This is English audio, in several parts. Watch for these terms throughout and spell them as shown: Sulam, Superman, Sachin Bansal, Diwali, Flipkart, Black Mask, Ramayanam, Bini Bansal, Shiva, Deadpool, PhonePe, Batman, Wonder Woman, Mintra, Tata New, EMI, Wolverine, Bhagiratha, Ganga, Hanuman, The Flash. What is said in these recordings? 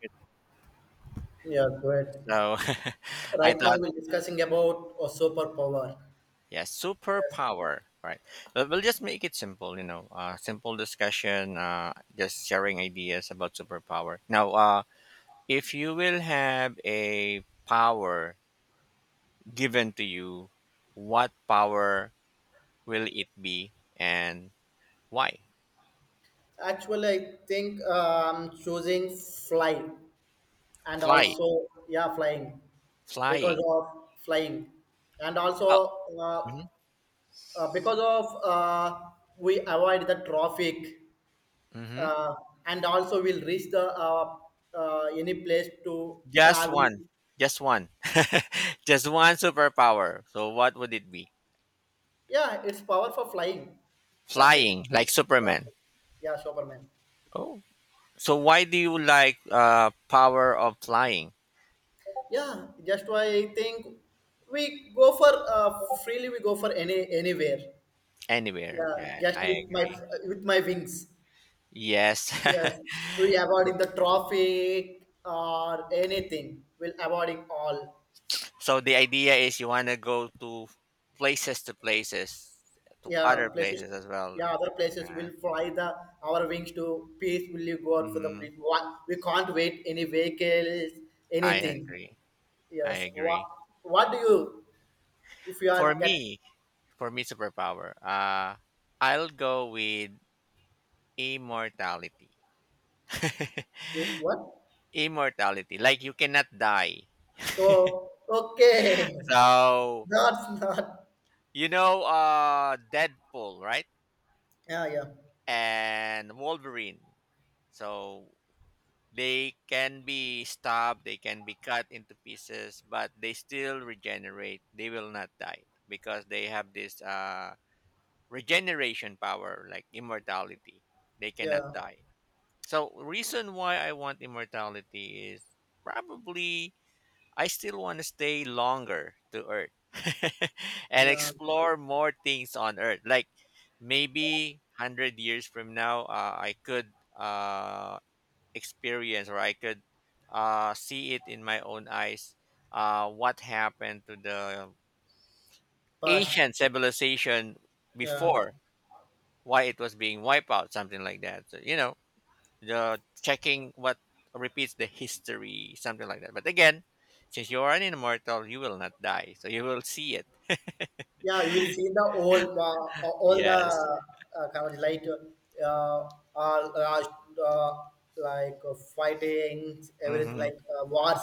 It. Yeah, great. So I Right now thought, we're discussing about a superpower. yeah, Yes. superpower. Right. But we'll just make it simple, simple discussion, just sharing ideas about superpower. Now, if you will have a power given to you, what power will it be and why? Actually, I think choosing fly and Fly, also yeah, flying because flying. of flying and Oh, also uh, mm-hmm. Because of we avoid the traffic, Mm-hmm. uh, and also we'll reach the any place to just travel. one, just one, just one superpower. So, what would it be? Yeah, it's power for flying. That's it. Flying, like Superman. Yeah, yeah, Superman. Oh, so why do you like power of flying? Yeah, just why I think we go for, freely, we go for anywhere. Anywhere? Yeah, Yeah, just I with agree. My wings. Yes. Yes, we avoiding the traffic or anything, we'll avoiding all. So the idea is you want to go to places to Yeah, other places. places as well. Yeah, other places Yeah. will fly the our wings to peacefully go out for the Hmm. place what we can't wait any vehicles I anything. agree. I Yes. what agree. what do you, if you are For get, me, for me superpower, I'll go with immortality. what? Immortality. Like you cannot die. So, okay. So, Not, not, you know Deadpool, right? yeah, yeah, And Wolverine. So they can be stabbed, they can be cut into pieces, but they still regenerate. They will not die because they have this regeneration power, like immortality. They cannot yeah, die. So reason why I want immortality is probably I still want to stay longer to Earth and yeah, explore more things on Earth. Like maybe 100 years from now, I could experience or I could see it in my own eyes, what happened to the past, ancient civilization yeah, before, why it was being wiped out, something like that. So, you know, the checking what repeats the history, something like that. But again, since you are an immortal, you will not die, so you will see it. yeah. You will see the all the Yes, kind of like, uh, all uh, like fightings, everything hmm, like wars.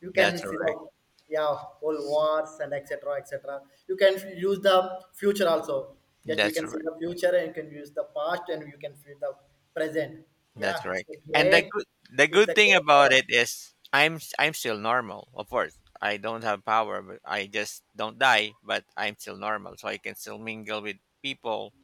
You that's can see correct. the, yeah, all wars, and etc. etc. You can use the future also. Just we That's can see correct. the future, and you can use the past, and you can see the present. That's Yeah, it's a correct. And the great. good the It's good a thing great about power. it is I'm still normal. Of course, I don't have power, but I just don't die. But I'm still normal, so I can still mingle with people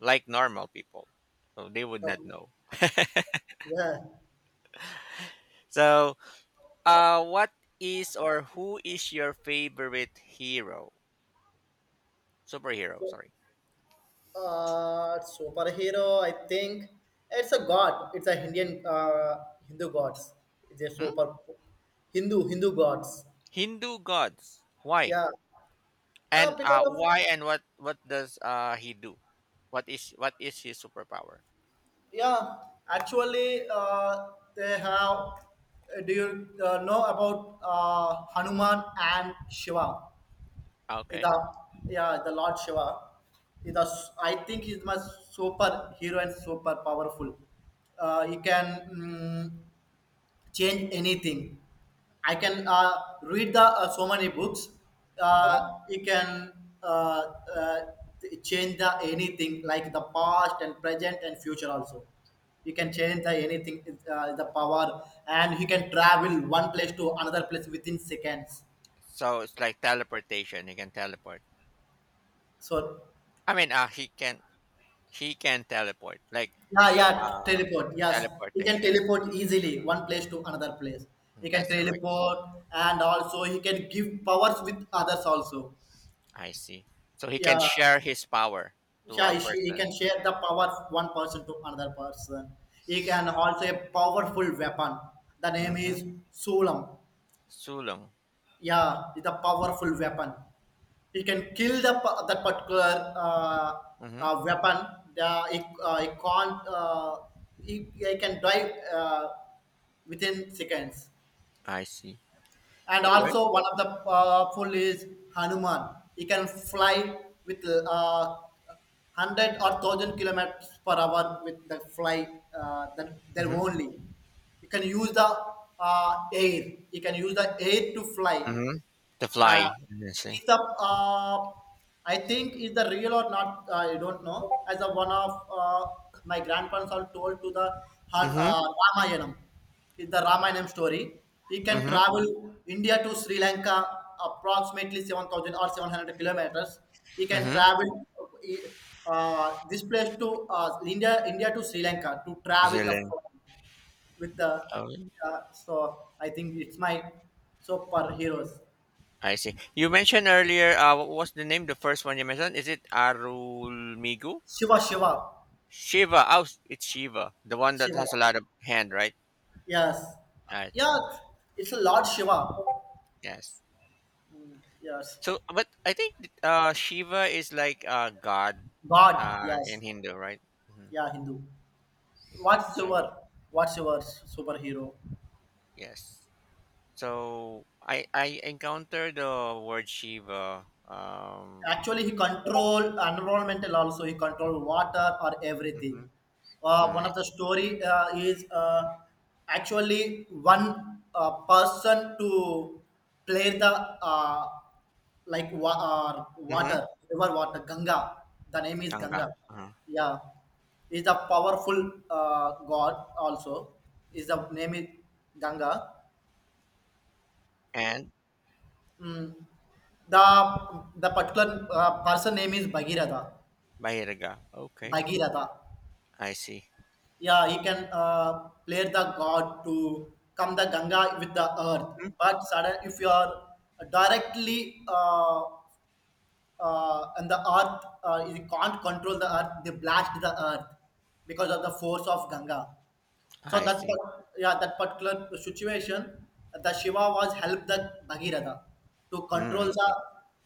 like normal people. So they would not Okay. know. Yeah. So What is or who is your favorite hero? Superhero, So, sorry. Superhero, I think it's a god. It's a Indian Hindu gods. It's a Hmm? super Hindu gods. Hindu gods. Why? Yeah. And Because of, why and what does he do? What is his superpower? yeah, actually, they have. Do you know about Hanuman and Shiva? Okay. The, yeah, the Lord Shiva. Is the, I think he's my super hero and super powerful. He can. Mm, change anything. I can, read the, so many books. Mm-hmm. You can uh, uh, change the anything like the past and present and future also. You can change the anything, the power, and you can travel one place to another place within seconds. So it's like teleportation. He can teleport. So, I mean, he can teleport. Like yeah, yeah, uh, teleport. Yes, you can teleportation. teleport easily one place to another place. You can That's correct. teleport, and also you can give powers with others also. I see. So he can Yeah. share his power to a Yeah, she, he person. can share the power of one person to another person. He can also a powerful weapon. The name Mm-hmm. is Sulam. Sulong. Yeah, it's a powerful weapon. He can kill the that particular Mm-hmm. Weapon. The, he can't. He can die, within seconds. I see. And Alright. also one of the, full is Hanuman. He can fly with, 100 or 1,000 kilometers per hour with the fly. That their Mhm, only. You can use the, air. You can use the air to fly. mhm. The uh, Fly, I see. is the, I think is the real or not, I don't know. As a one of, my grandparents are told to the Han- Mhm, uh, Ramayanam, is the Ramayanam story. He can mhm, travel India to Sri Lanka, approximately 7,000 or 700 kilometers he can mhm. travel. Uh, this place to, India to Sri Lanka, to travel the Switzerland. with the, Oh, so I think it's my super heroes. I see. You mentioned earlier, what was the name, the first one you mentioned? Is it Arulmigu? Shiva, Shiva. Oh, it's Shiva, the one that Shiva. has a lot of hand, right? Yes. Right. Yeah, Right. it's a Lord Shiva. Yes. Yes. So, but I think, Shiva is like a god, God. In Yes. Hindu, right? Mhm. Yeah, Hindu. What's So, your What's your superhero? yes. So I encountered the word Shiva, Actually he control environmental, also he control water or everything. mhm. Mm, One I of the see. story, is, actually one, person to play the, uh, like Mm-hmm. water, river water, ganga, the name is Tanga. ganga. Uh-huh. Yeah, is a powerful, god also, is the name is ganga. And Mm. the the particular, person name is bhagiratha, Bahiraga. Okay. bhagiratha. I see. Yeah, he can, play the god to come the Ganga with the earth. Mhm. But sudden, if you are directly, on the earth, you can't control the earth. They blast the earth because of the force of Ganga. So I that see. Yeah, that particular situation, the Shiva was helped the Bhagiratha to Mm, control I the. see.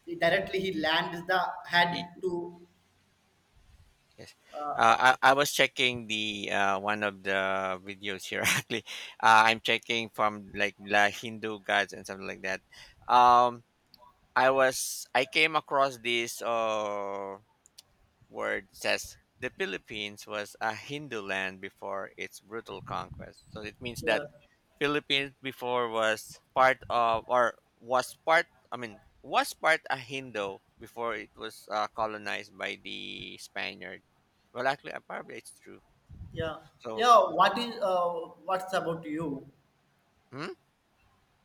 He directly, he lands the head Y- to. Yes. Uh, I was checking the one of the videos here actually. I'm checking from like the Hindu gods and something like that. Um, I came across this. Word says the Philippines was a Hindu land before its brutal conquest. So it means that yeah, Philippines before was part of or was part I mean was part a Hindu before it was colonized by the Spaniard. Well, actually, probably it's true. yeah, So, yeah. What is, what's about you? hmm?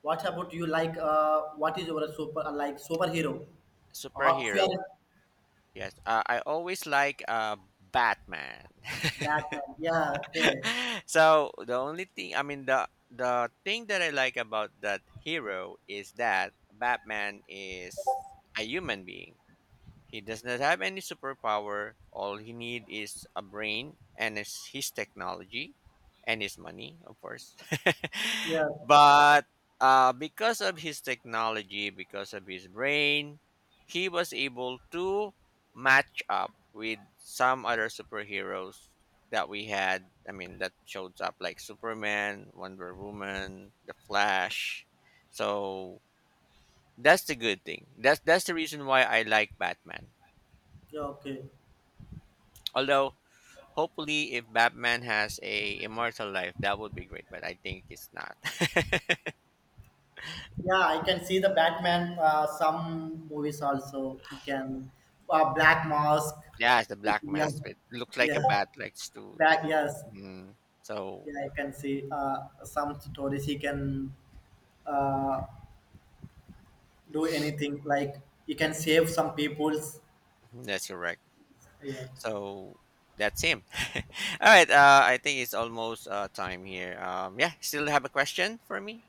What about you? Like, what is your super, like superhero? Or if you Superhero. are Yes, I always like Batman. Batman, yeah, okay, So the only thing I mean the thing that I like about that hero is that Batman is a human being. He does not have any superpower. All he need is a brain and his technology and his money, of course. yeah, But because of his technology, because of his brain, he was able to match up with some other superheroes that we had. I mean, that shows up like Superman, Wonder Woman, The Flash. So that's the good thing. That's the reason why I like Batman. yeah, okay, Although, hopefully, if Batman has a immortal life, that would be great. But I think it's not. yeah. I can see the Batman. Some movies also you can, Black Mask. Yeah, it's the Black Yeah, Mask. It looks like a yeah, bat, like to. back. Like, Yes, mm, so yeah. I can see, some stories. He can, uh, do anything. Like he can save some people's. that's correct. Yeah. So that's him. All right. I think it's almost time here. Yeah. Still have a question for me?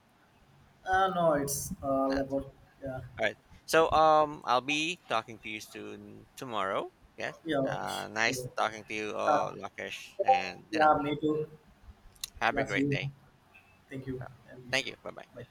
No, it's all Not. about, yeah, All right. So I'll be talking to you soon tomorrow. Yes. yeah, Nice sure. talking to you, Uh, Lakesh, and you know, yeah, me too. have a Yeah, see great you. day. Thank you and wish Thank you. you. Bye bye. Bye.